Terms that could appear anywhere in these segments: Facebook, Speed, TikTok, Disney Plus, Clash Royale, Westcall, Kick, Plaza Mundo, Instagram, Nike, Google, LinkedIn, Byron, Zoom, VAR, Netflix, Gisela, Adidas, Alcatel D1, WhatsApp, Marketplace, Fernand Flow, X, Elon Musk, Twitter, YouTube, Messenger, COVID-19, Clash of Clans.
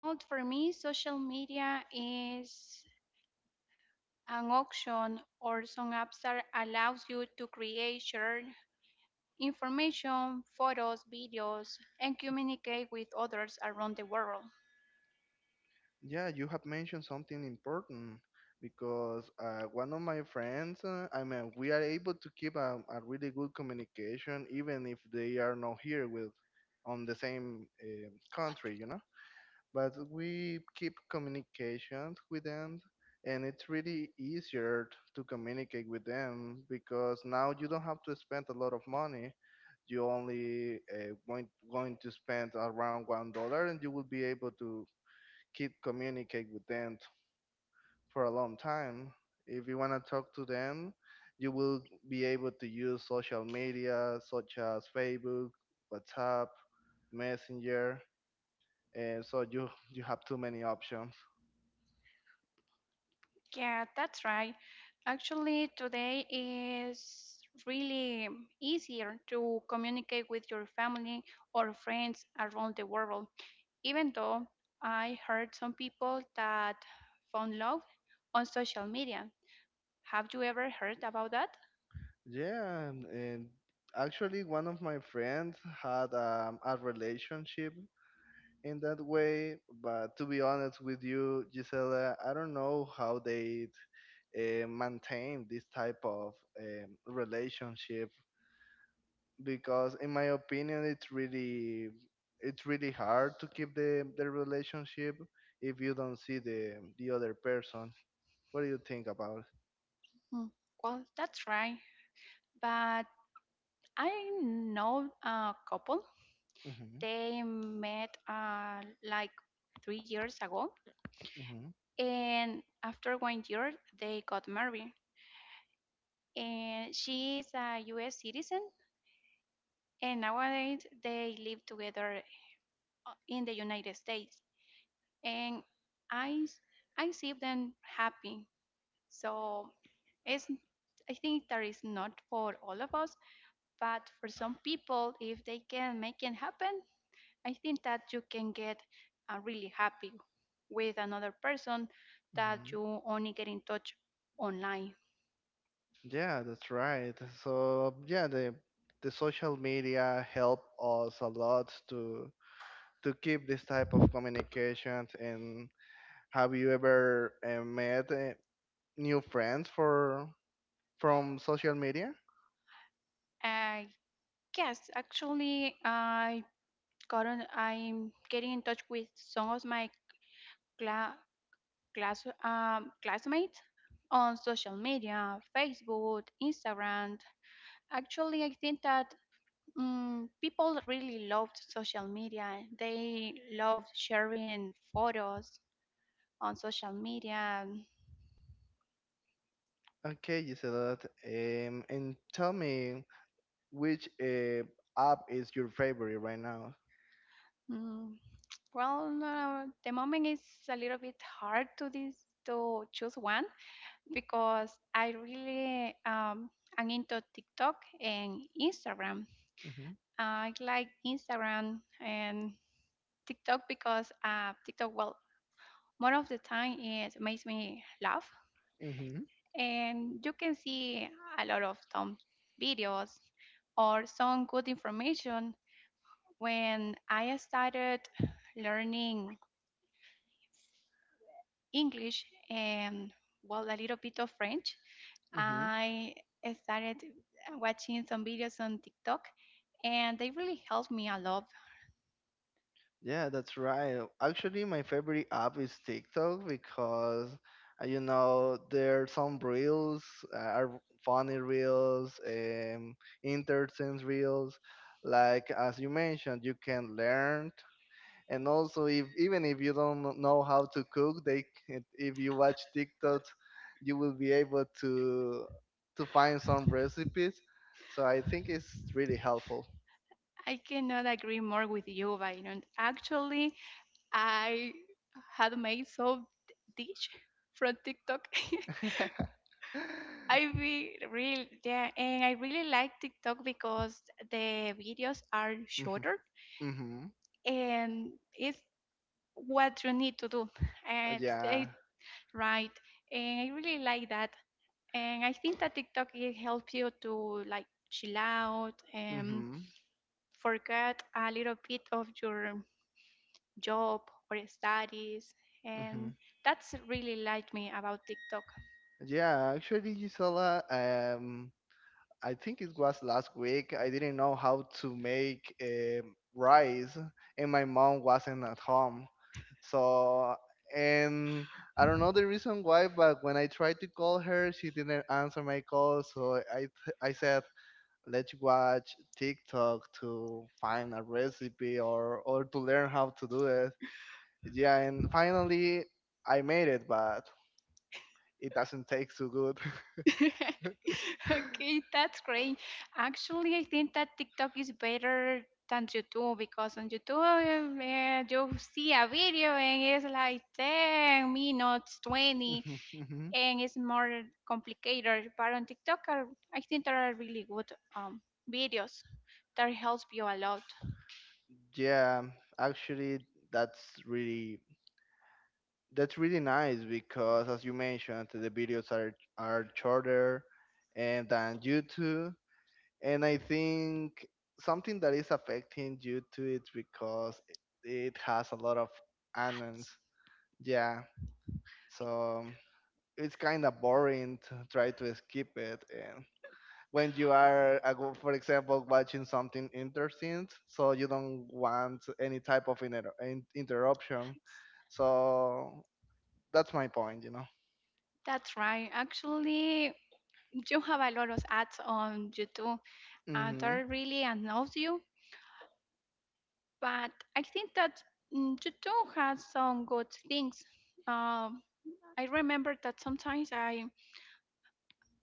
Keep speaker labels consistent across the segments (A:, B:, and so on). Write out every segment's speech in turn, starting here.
A: Well, for me, social media is an option, or some apps that allows you to create, share information, photos, videos, and communicate with others around the world.
B: Yeah, you have mentioned something important because one of my friends, we are able to keep a really good communication even if they are not here with on the same country, But we keep communications with them, and it's really easier to communicate with them because now you don't have to spend a lot of money. You only going to spend around $1, and you will be able to keep communicate with them for a long time. If you want to talk to them, you will be able to use social media such as Facebook, WhatsApp, Messenger, and so you have too many options.
A: Yeah, that's right. Actually, today is really easier to communicate with your family or friends around the world even though I heard some people that found love on social media. Have you ever heard about that?
B: Yeah, and actually, one of my friends had a relationship in that way, but to be honest with you, Gisela, I don't know how they maintain this type of relationship because in my opinion it's really hard to keep the relationship if you don't see the other person. What do you think about
A: Hmm, Well, that's right. But I know a couple.
B: it?
A: They met like 3 years ago,
B: Hmm
A: and after 1 year, they got married. And she is a U.S. citizen, and nowadays they live together in the United States. And I s- I see them happy. So it's, I think that is not for all of us, but for some people, if they can make it happen, I think that you can get really happy with another person that
B: hmm
A: you only get in touch online.
B: yeah, that's right. So yeah, the social media help us a lot to keep this type of communication. And have you ever met new friends for from social media?
A: Uh, yes, actually, I'm getting in touch with some of my cla- class classmates on social media, Facebook, Instagram. Actually, I think that people really loved social media. They loved sharing photos on social media.
B: Okay, you said that. And tell me, which app is your favorite right now?
A: Mm, the moment is a little bit hard to this to choose one because I really am into TikTok and Instagram.
B: Mm-hmm.
A: I like Instagram and TikTok because TikTok, well, more of the time it makes me laugh
B: Mm-hmm.
A: and you can see a lot of dumb videos or some good information. When I started learning English and, well, a little bit of French,
B: Mm-hmm.
A: I started watching some videos on TikTok and they really helped me a lot.
B: Yeah, that's right. Actually, my favorite app is TikTok because, you know, there are some reels, are funny reels, interesting reels. Like as you mentioned, you can learn and also if even if you don't know how to cook, they if you watch TikTok, you will be able to find some recipes, so I think it's really helpful.
A: I cannot agree more with you, Byron. Actually, I had made some dish from TikTok. I re real Yeah, and I really like TikTok because the videos are
B: Mhm,
A: shorter
B: mhm.
A: and it's what you need to do, and
B: Yeah.
A: it right. And I really like that. And I think that TikTok it helps you to like chill out and
B: mhm,
A: forget a little bit of your job or studies. And
B: mhm.
A: that's really like me about TikTok.
B: Yeah, actually, Gisela, I think it was last week, I didn't know how to make rice and my mom wasn't at home. So, and I don't know the reason why, but when I tried to call her, she didn't answer my call. So I said, let's watch TikTok to find a recipe or to learn how to do it. Yeah, and finally I made it, but it doesn't taste so good.
A: Okay, that's great. Actually, I think that TikTok is better than YouTube because on YouTube you see a video and it's like 10 minutes, 20,
B: mhm.
A: and it's more complicated. But on TikTok, are, I think there are really good um, videos that helps you a lot.
B: Yeah, actually, that's really that's really nice because, as you mentioned, the videos are shorter and than YouTube, and I think something that is affecting YouTube is because it has a lot of ads.
A: Ads,
B: Yeah, so it's kind of boring to try to skip it. And when you are, for example, watching something interesting, so you don't want any type of interruption.
A: ads.
B: So that's my point, you know.
A: That's right. Actually, you have a lot of ads on YouTube, and they
B: Mm-hmm.
A: really annoys you but I think that YouTube has some good things. Um, I remember that sometimes I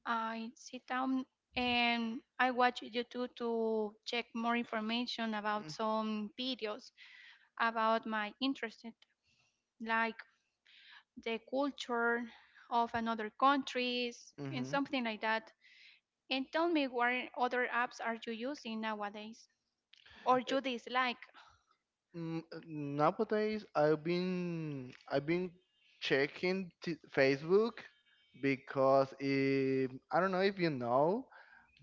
A: I sit down and I watch YouTube to check more information about
B: mm,
A: some videos about my interest, like the culture of another countries and
B: Mm-hmm.
A: something like that. And tell me, what other apps are you using nowadays or
B: Eh,
A: you dislike?
B: Nowadays, I've been checking t Facebook because, if, I don't know if you know,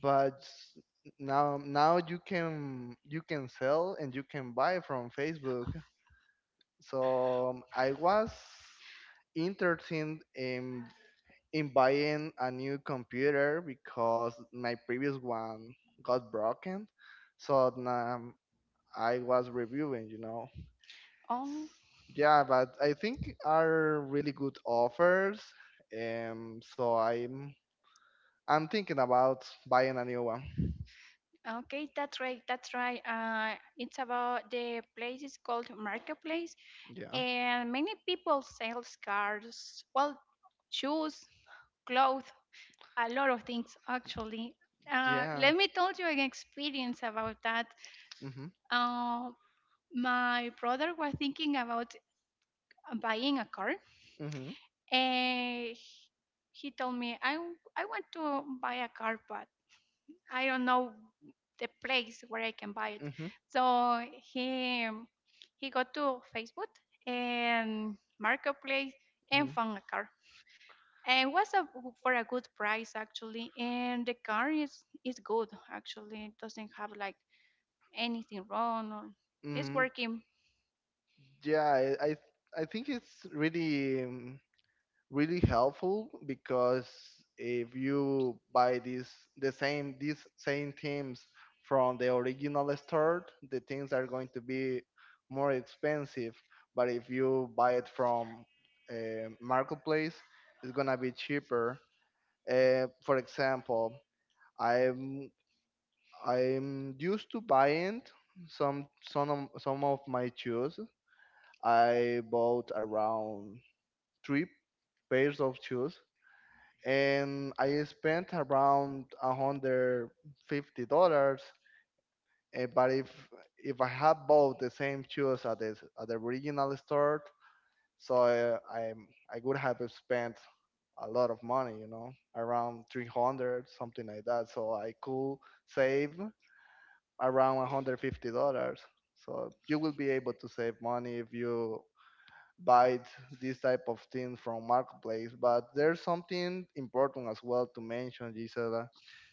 B: but now you can sell and you can buy from Facebook. So I was interested in buying a new computer because my previous one got broken. So now I was reviewing, you know.
A: Oh,
B: Yeah, but I think are really good offers. So I'm thinking about buying a new one.
A: Okay, that's right. That's right. It's about the place is called Marketplace,
B: Yeah,
A: and many people sell scarves, well, shoes, clothes, a lot of things actually.
B: yeah.
A: Let me tell you an experience about that.
B: Mhm,
A: Uh, my brother was thinking about buying a car,
B: mhm,
A: and he told me, "I want to buy a car, but I don't know the place where I can buy it."
B: mhm,
A: So he he got to Facebook and Marketplace and
B: mhm,
A: found a car. And it was a, for a good price actually, and the car is good actually. It doesn't have like anything wrong or it's
B: mhm.
A: working.
B: Yeah, I I, I think it's really really helpful because if you buy these the same these same teams from the original store, the things are going to be more expensive. But if you buy it from a marketplace, it's gonna be cheaper. For example, I'm I'm used to buying some some of my shoes. I bought around three pairs of shoes and I spent around $150. But if I had bought the same shoes at the original store, so I would have spent a lot of money, you know, around 300 something like that. So I could save around $150. So you will be able to save money if you buy this type of thing from marketplace. But there's something important as well to mention, Gisela,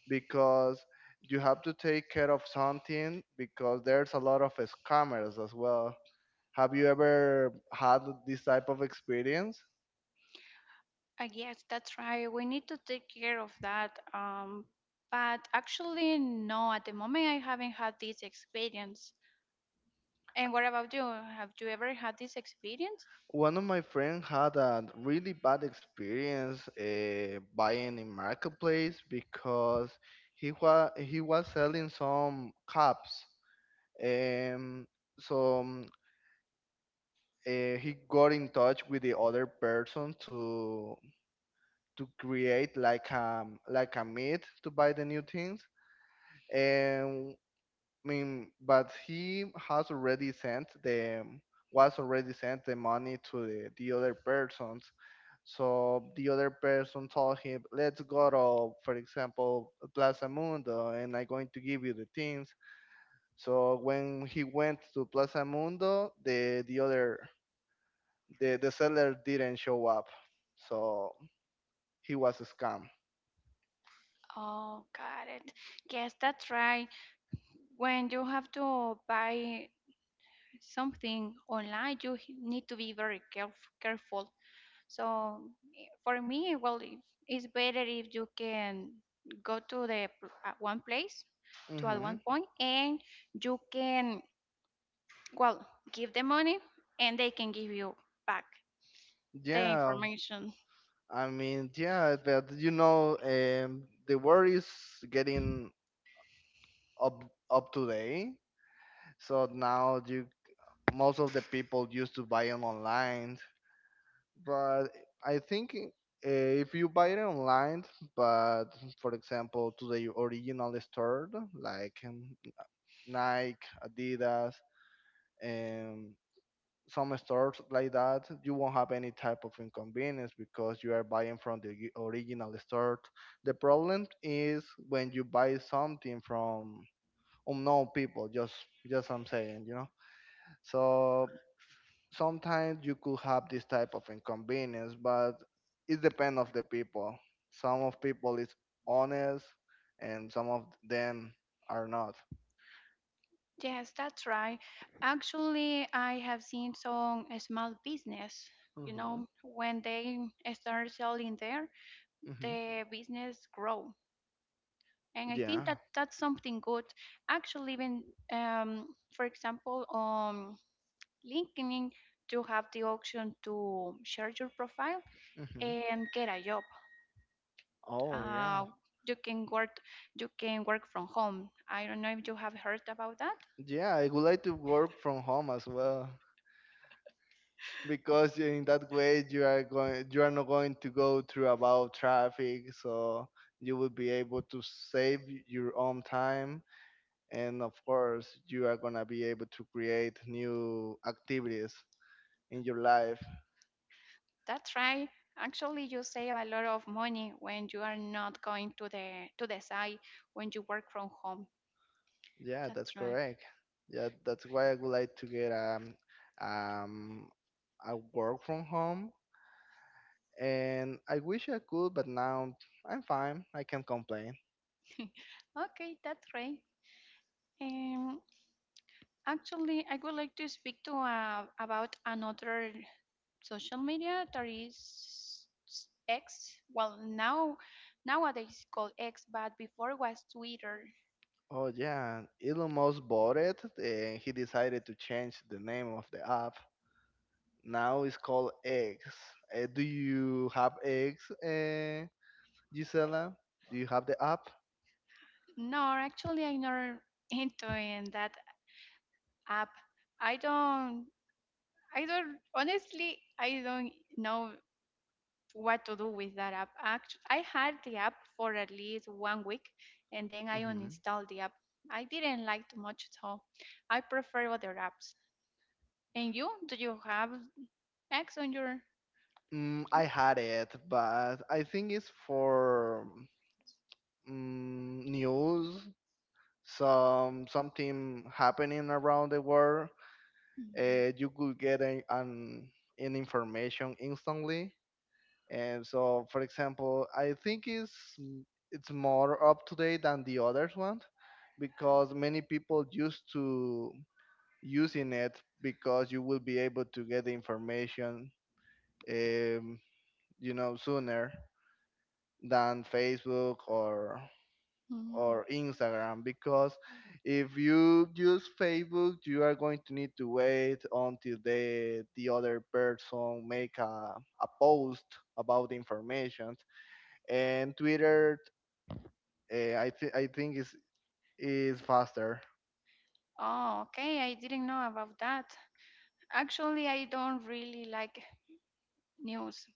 B: because you have to take care of something because there's a lot of scammers as well. Have you ever had this type of experience?
A: I guess that's right. We need to take care of that. But actually, no. At the moment, I haven't had this experience. And what about you? Have you ever had this experience?
B: One of my friends had a really bad experience buying in marketplace because he was selling some cups, um so he got in touch with the other person to create like a meet to buy the new things. And I mean, but he has already sent the was already sent the money to the other persons. So the other person told him, let's go to, for example, Plaza Mundo, and I'm going to give you the things. So when he went to Plaza Mundo, the other, the seller didn't show up, so he was a scam.
A: Oh, got it. Yes, that's right. When you have to buy something online, you need to be very careful. So, for me, well, it's better if you can go to the at one place to at
B: hmm
A: one point, and you can, well, give the money, and they can give you back the
B: Yeah,
A: information.
B: I mean, yeah, but you know, the world is getting up up today, so now you most of the people used to buy it online, but I think. If you buy it online, but for example to the original store like Nike, Adidas, um, some stores like that, you won't have any type of inconvenience because you are buying from the original store. The problem is when you buy something from unknown people, just I'm saying, you know, so sometimes you could have this type of inconvenience, but it depends of the people. Some of people is honest and some of them are not.
A: Yes, that's right. Actually, I have seen some small business, you
B: hmm
A: know, when they start selling there,
B: hmm
A: the business grow. And I
B: yeah.
A: think that that's something good. Actually, even for example, on LinkedIn, you have the option to share your profile
B: hmm
A: and get a job.
B: oh yeah.
A: Uh, you can work, you can work from home. I don't know if you have heard about that.
B: Yeah, I would like to work from home as well because in that way you are not going to go through about traffic, so you will be able to save your own time and of course you are going to be able to create new activities in your life.
A: That's right. Actually, you save a lot of money when you are not going to the site when you work from home.
B: Yeah, that's
A: That's right.
B: correct. Yeah, that's why I would like to get um a work from home and I wish I could, but now I'm fine. I can't complain.
A: Okay, that's great. Um, Actually, I would like to speak to about another social media that is X. Well, nowadays it's called X, but before was Twitter.
B: Oh yeah, Elon Musk bought it and he decided to change the name of the app. Now it's called X. Do you have X, Gisela? Do you have the app?
A: No, actually, I'm not into in that app. I don't. I don't, honestly, I don't know what to do with that app. Actually, I had the app for at least 1 week and then I
B: hmm
A: uninstalled the app. I didn't like too much, so I prefer other apps. And you, do you have X on your phone?
B: I had it, but I think it's for news. Some something happening around the world. You could get an information instantly. And so, for example, I think it's more up to date than the others one because many people used to using it because you will be able to get the information, um, you know, sooner than Facebook
A: Mm.
B: or Instagram, because if you use Facebook, you are going to need to wait until the other person make a post about the information. And Twitter, I think is faster.
A: Oh, okay. I didn't know about that. Actually, I don't really like news.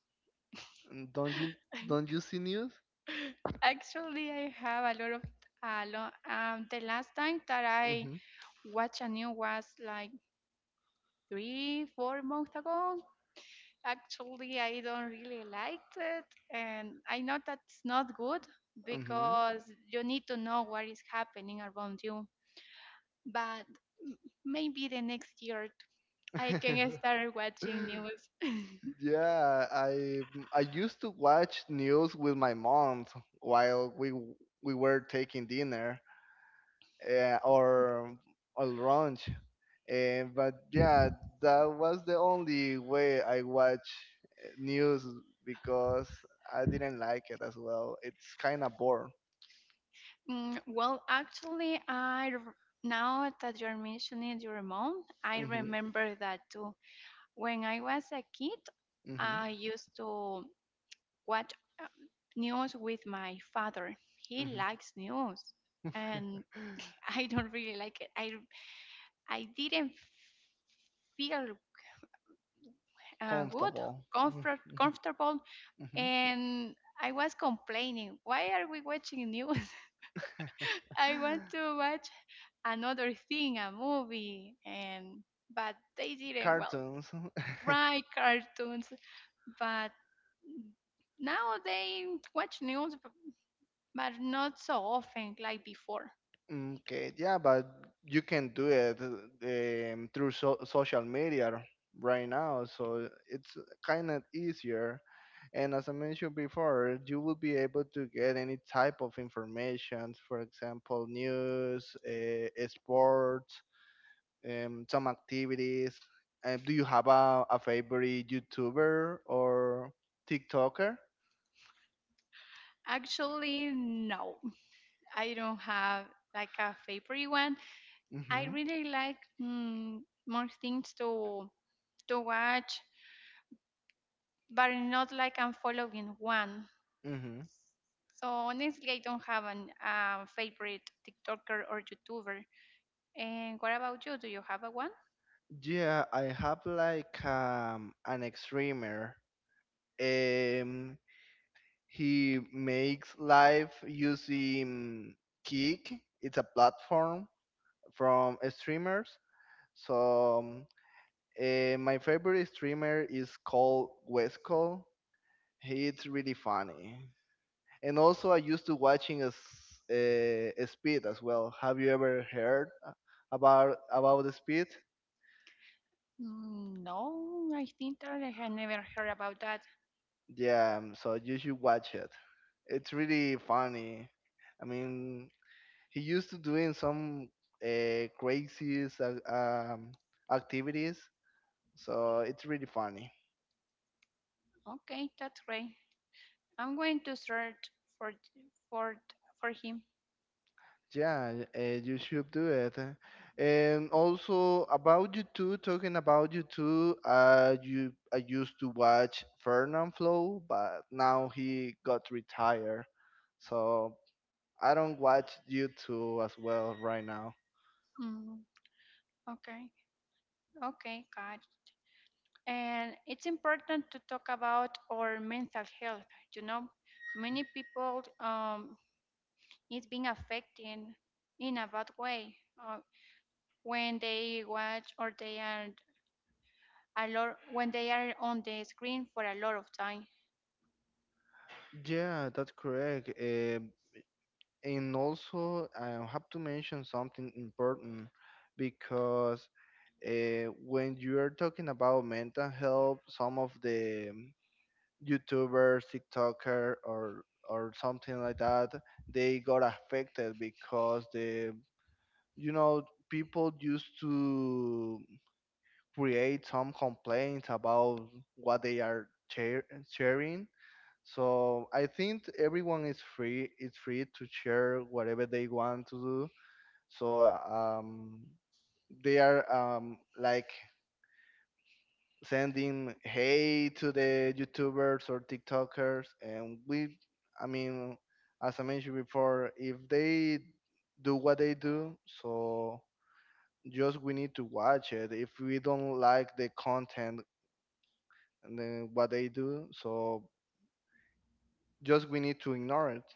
B: Mm, Don't you don't you see news?
A: Actually, I have a lot of a lot. The last time that I
B: Mhm.
A: watched a news was like three, 4 months ago. Actually, I don't really liked it, and I know that's not good
B: Mhm.
A: because you need to know what is happening around you. But m- maybe the next year I can start watching news.
B: Yeah, I used to watch news with my mom while we were taking dinner, uh, or or lunch. But yeah, that was the only way I watch news because I didn't like it as well. It's kind of boring.
A: Actually, now that you're mentioning your mom, I
B: Mhm.
A: remember that too. When I was a kid,
B: Mhm.
A: I used to watch um, news with my father. He
B: Mhm.
A: likes news, and I don't really like it. I didn't feel good,
B: Comfortable.
A: comfort,
B: Mhm.
A: comfortable,
B: Mhm.
A: and I was complaining. Why are we watching news? I want to watch another thing, a movie, and but they didn't. Well,
B: Cartoons.
A: right, cartoons, but now they watch news, but not so often like before.
B: Okay. Yeah, but you can do it through social media right now, so it's kind of easier. And as I mentioned before, you will be able to get any type of information, for example, news, sports, some activities. Do you have a favorite YouTuber or TikToker?
A: Actually, no. I don't have like a favorite one. I
B: hmm
A: really like more things to watch, but not like I'm following one.
B: hmm
A: So honestly, I don't have an favorite TikToker or YouTuber. And what about you? Do you have a one?
B: Yeah, I have like an extremer. Um, he makes live using Kick. It's a platform from streamers. So my favorite streamer is called Westcall. He's really funny. And also, I used to watching as Speed as well. Have you ever heard about the Speed?
A: No, I think that I had never heard about that.
B: Yeah, so you should watch it. It's really funny. I mean, he used to doing some crazy activities, so it's really funny.
A: Okay, that's great. I'm going to search for for him.
B: Yeah, you should do it. And also about YouTube, talking about YouTube, you I used to watch Fernand Flow, but now he got retired, so I don't watch YouTube as well right now.
A: Mm, okay. Okay, got it. And it's important to talk about our mental health. You know, many people it's being affected in a bad way when they watch or they are a lot when they are on the screen for a lot of time.
B: Yeah, that's correct. And also, I have to mention something important because when you are talking about mental health, some of the YouTuber, TikToker, or something like that, they got affected because the you know, people used to create some complaints about what they are sharing. So I think everyone is free. It's free to share whatever they want to do. So they are like sending hate to the YouTubers or TikTokers, and I mean, as I mentioned before, if they do what they do, so just we need to watch it. If we don't like the content and then what they do, so just we need to ignore it.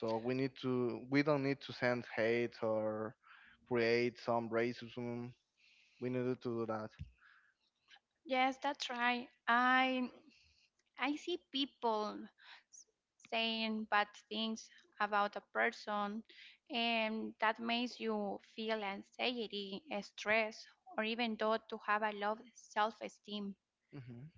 B: So we don't need to send hate or create some racism. We need to do that.
A: Yes, that's right. I see people s- saying bad things about a person, and that makes you feel anxiety, stress, or even though to have a low self esteem.
B: Mm-hmm.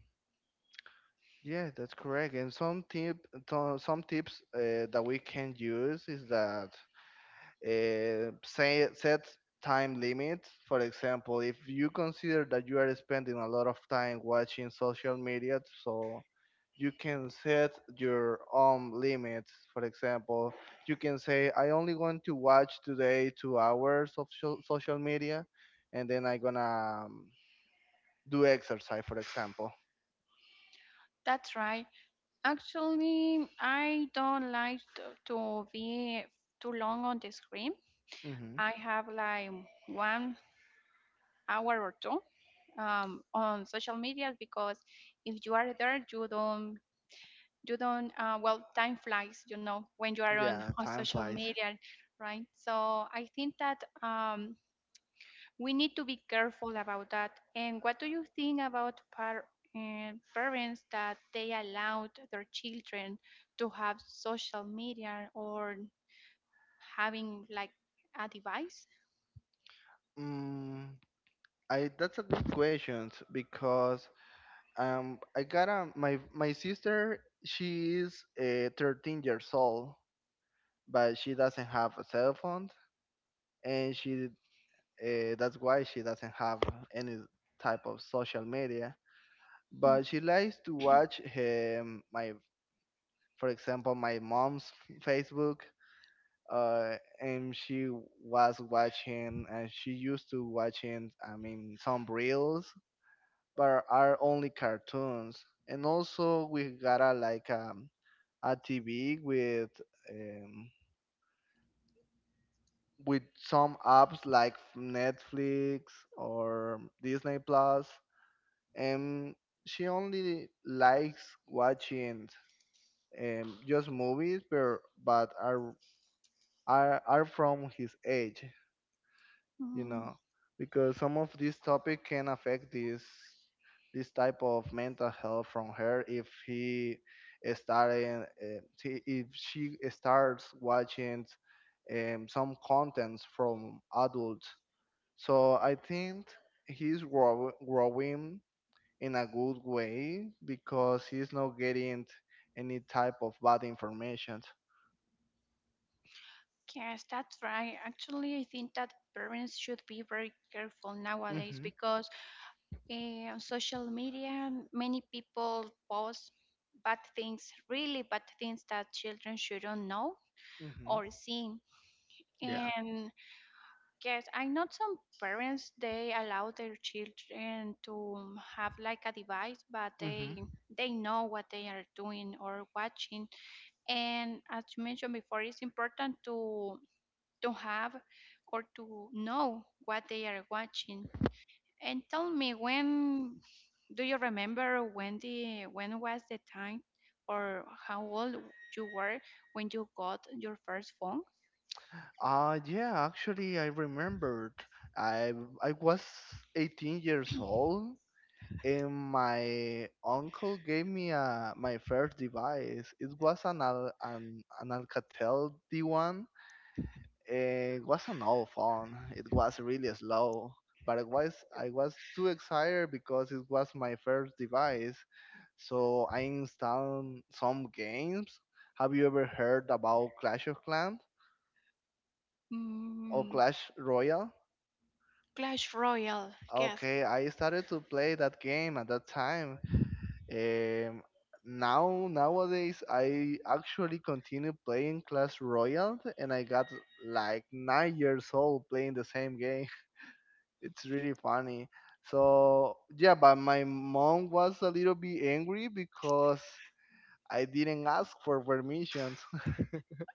B: Yeah, that's correct. And some tips that we can use is that say, set time limits. For example, if you consider that you are spending a lot of time watching social media, so you can set your own limits. For example, you can say, I only want to watch today 2 hours of social media, and then I'm gonna do exercise, for example.
A: That's right. Actually, I don't like to be too long on the screen.
B: Hmm.
A: I have like 1 hour or two on social media because if you are there, you don't well, time flies, you know, when you are
B: Yeah,
A: on
B: time
A: social
B: flies.
A: media, right? So I think that we need to be careful about that. And what do you think about parents that they allowed their children to have social media or having like a device?
B: Mm, I that's a good question because I got my sister. She is 13 years old, but she doesn't have a cell phone. And she that's why she doesn't have any type of social media,
A: Mm.
B: but she likes to watch my for example, my mom's Facebook, uh, and she was watching and she used to watching, I mean, some reels, but are only cartoons. And also we got a like a TV um, with some apps like Netflix or Disney Plus, and she only likes watching just movies, but are from his age. you
A: Mm,
B: know because some of this topic can affect this type of mental health from her. If he starting uh, t- if she starts watching some contents from adults, so I think he's growing in a good way because he's not getting any type of bad information.
A: Yes, that's right. Actually, I think that parents should be very careful nowadays
B: Hmm.
A: because, on social media, many people post bad things, really bad things that children shouldn't know
B: Hmm.
A: or see.
B: Yeah.
A: And yes, I know some parents they allow their children to have like a device, but
B: Mm-hmm.
A: they know what they are doing or watching. And as you mentioned before, it's important to have or to know what they are watching. And tell me, when do you remember when the when was the time or how old you were when you got your first phone?
B: Yeah, actually, I remembered. I I was 18 years old, and my uncle gave me my first device. It was an Alcatel D1. It was an old phone. It was really slow, but I was too excited because it was my first device. So I installed some games. Have you ever heard about Clash of Clans or
A: Mm,
B: Clash Royale?
A: Clash Royale, yes.
B: Okay, I started to play that game at that time. Um, now nowadays, I actually continue playing Clash Royale, and I got like 9 years old playing the same game. It's really funny. So yeah, but my mom was a little bit angry because I didn't ask for permissions.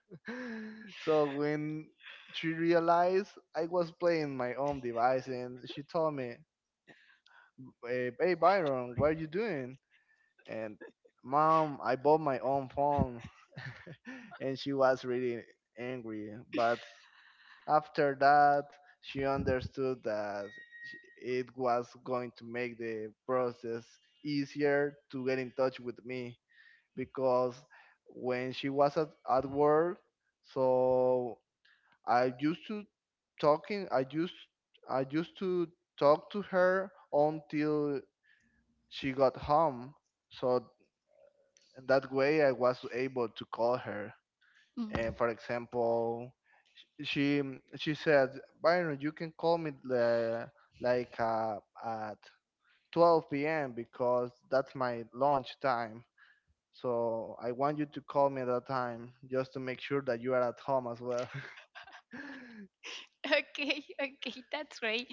B: So when she realized I was playing my own device, and she told me, hey, hey Byron, what are you doing? And mom, I bought my own phone. And she was really angry. But after that, she understood that it was going to make the process easier to get in touch with me because when she was at work, so I used to talking, I used I used to talk to her until she got home, so that way I was able to call her.
A: Mm.
B: And for example, she she said, Byron, you can call me like at 12 p.m. because that's my lunch time, so I want you to call me at that time just to make sure that you are at home as well.
A: Okay, okay, that's great.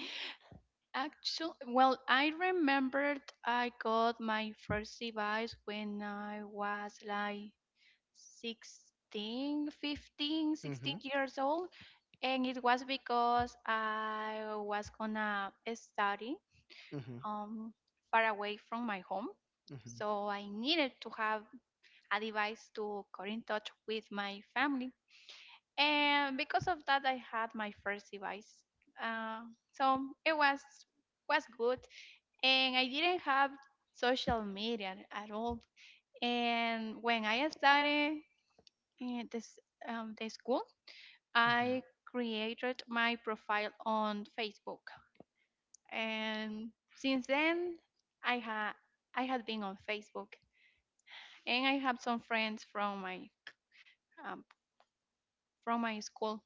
A: Actually, well, I remembered I got my first device when I was like 15, sixteen
B: Hmm.
A: years old. And it was because I was gonna study
B: Hmm.
A: um, far away from my home.
B: Hmm.
A: So I needed to have a device to get in touch with my family. And because of that, I had my first device. Uh, so it was good, and I didn't have social media at all. And when I started in this the school,
B: Hmm.
A: I created my profile on Facebook. And since then, I had I had been on Facebook, and I have some friends um, from my school.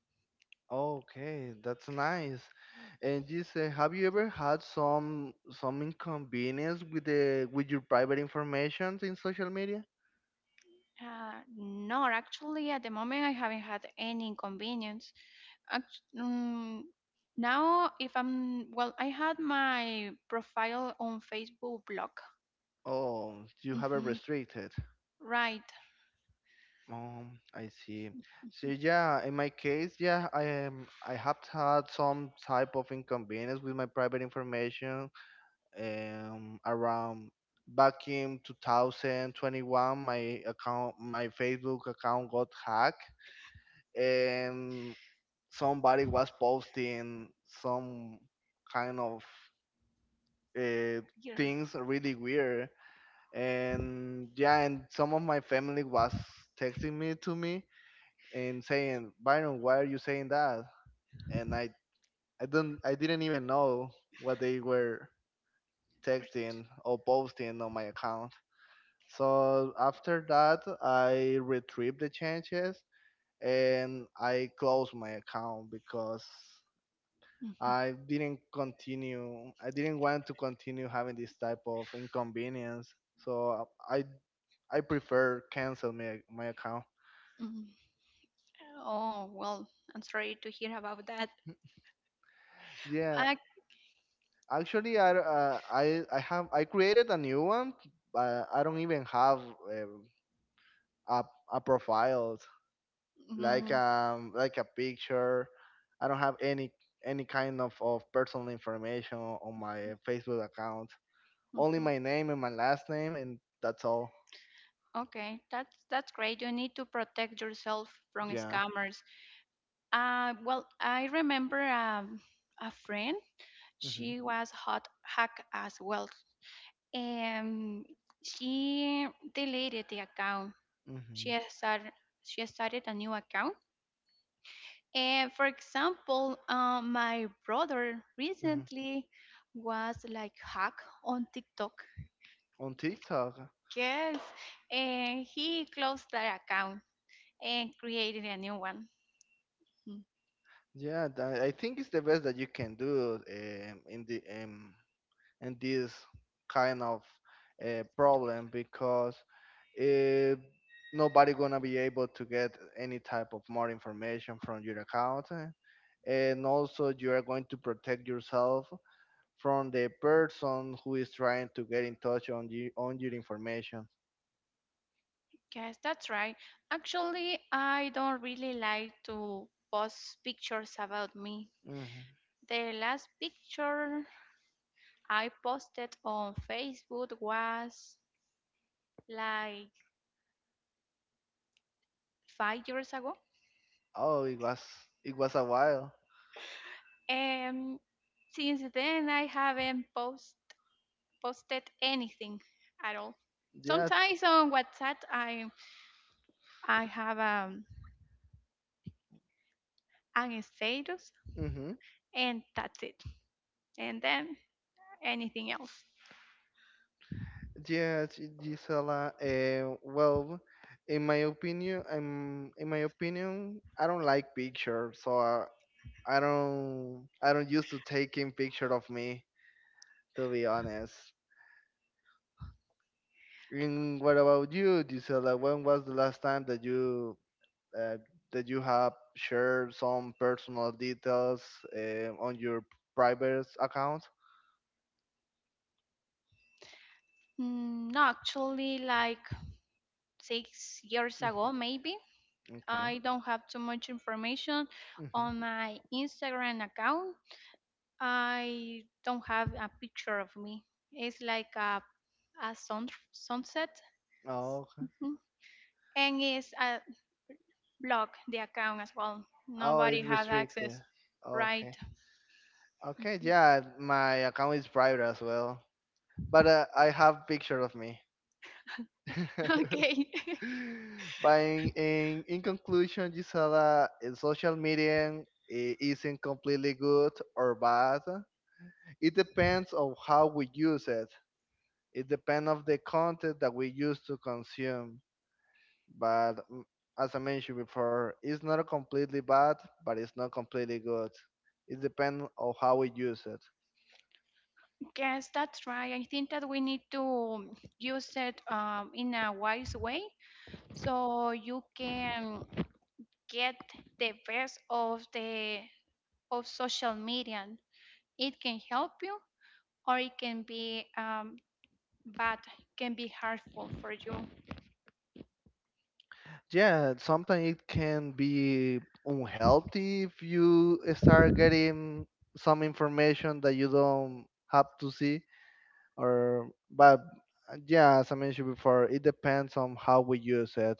B: Okay, that's nice. And you say, have you ever had some inconvenience with your private information in social media?
A: No, actually, at the moment, I haven't had any inconvenience. Act- mm, Now, if I'm, well, I had my profile on Facebook block.
B: Oh, you have it
A: hmm
B: restricted.
A: Right.
B: I see. So yeah, in my case, yeah, I am. I have had some type of inconvenience with my private information. Around back in 2021, my account, my Facebook account got hacked, and somebody was posting some kind of uh,
A: Yeah.
B: things really weird. And yeah, and some of my family was texting me to me and saying, Byron, why are you saying that? And I didn't even know what they were texting or posting on my account. So after that, I retrieved the changes, and I closed my account because
A: Mhm.
B: I didn't continue. I didn't want to continue having this type of inconvenience. So I prefer cancel my account.
A: Mhm. Oh, well, I'm sorry to hear about that.
B: Yeah,
A: Ac-
B: actually, I created a new one. But I don't even have a a profile, like
A: mhm,
B: like a picture. I don't have any kind of personal information on my Facebook account. Only
A: mhm.
B: my name and my last name, and that's all.
A: Okay, that's great. You need to protect yourself from
B: Yeah.
A: scammers. I remember a friend. She was hot hack as well, and she deleted the account. She
B: Hmm.
A: has started she has started a new account. And for example, my brother
B: Hmm.
A: recently was like hack on TikTok.
B: On TikTok,
A: Yes, and he closed that account and created a new one. Hmm.
B: yeah, I think it's the best that you can do in this kind of problem because uh, nobody gonna be able to get any type of more information from your account, and also you are going to protect yourself from the person who is trying to get in touch on your information.
A: Yes, that's right. Actually, I don't really like to post pictures about me.
B: Hmm.
A: The last picture I posted on Facebook was like 5 years ago.
B: Oh, it was a while.
A: And since then, I haven't posted anything at all.
B: Yeah.
A: Sometimes on WhatsApp, I have an status,
B: Mm-hmm.
A: and that's it. And then anything else.
B: Yes, Gisela. Well, in my opinion, I don't like pictures, so I don't used to taking picture of me, to be honest. And what about you, Gisela? When was the last time uh, that you have shared some personal details, on your private account?
A: No, actually, like 6 years
B: Mhm.
A: ago, maybe.
B: Okay.
A: I don't have too much information
B: Hmm.
A: on my Instagram account. I don't have a picture of me. It's like a sunset.
B: Oh, okay.
A: Mhm. And it's a block, the account as well.
B: Oh,
A: Nobody
B: it's
A: has
B: restricted.
A: access. Right.
B: Okay. Okay, yeah, my account is private as well, but I have picture of me.
A: Okay.
B: But in conclusion, Gisela, social media isn't completely good or bad. It depends on how we use it. It depends on the content that we use to consume. But as I mentioned before, it's not completely bad, but it's not completely good. It depends on how we use it.
A: Yes, that's right. I think that we need to use it in a wise way so you can get the best of the of social media. It can help you or it can be bad, can be harmful for you.
B: Yeah, sometimes it can be unhealthy if you start getting some information that you don't have to see, or but yeah, as I mentioned before, it depends on how we use it.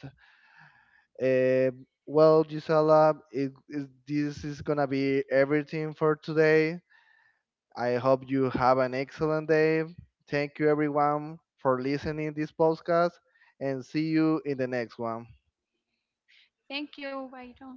B: Eh, well, Gisela, this is gonna be everything for today. I hope you have an excellent day. Thank you everyone for listening this podcast, and see you in the next one.
A: Thank you, Byron.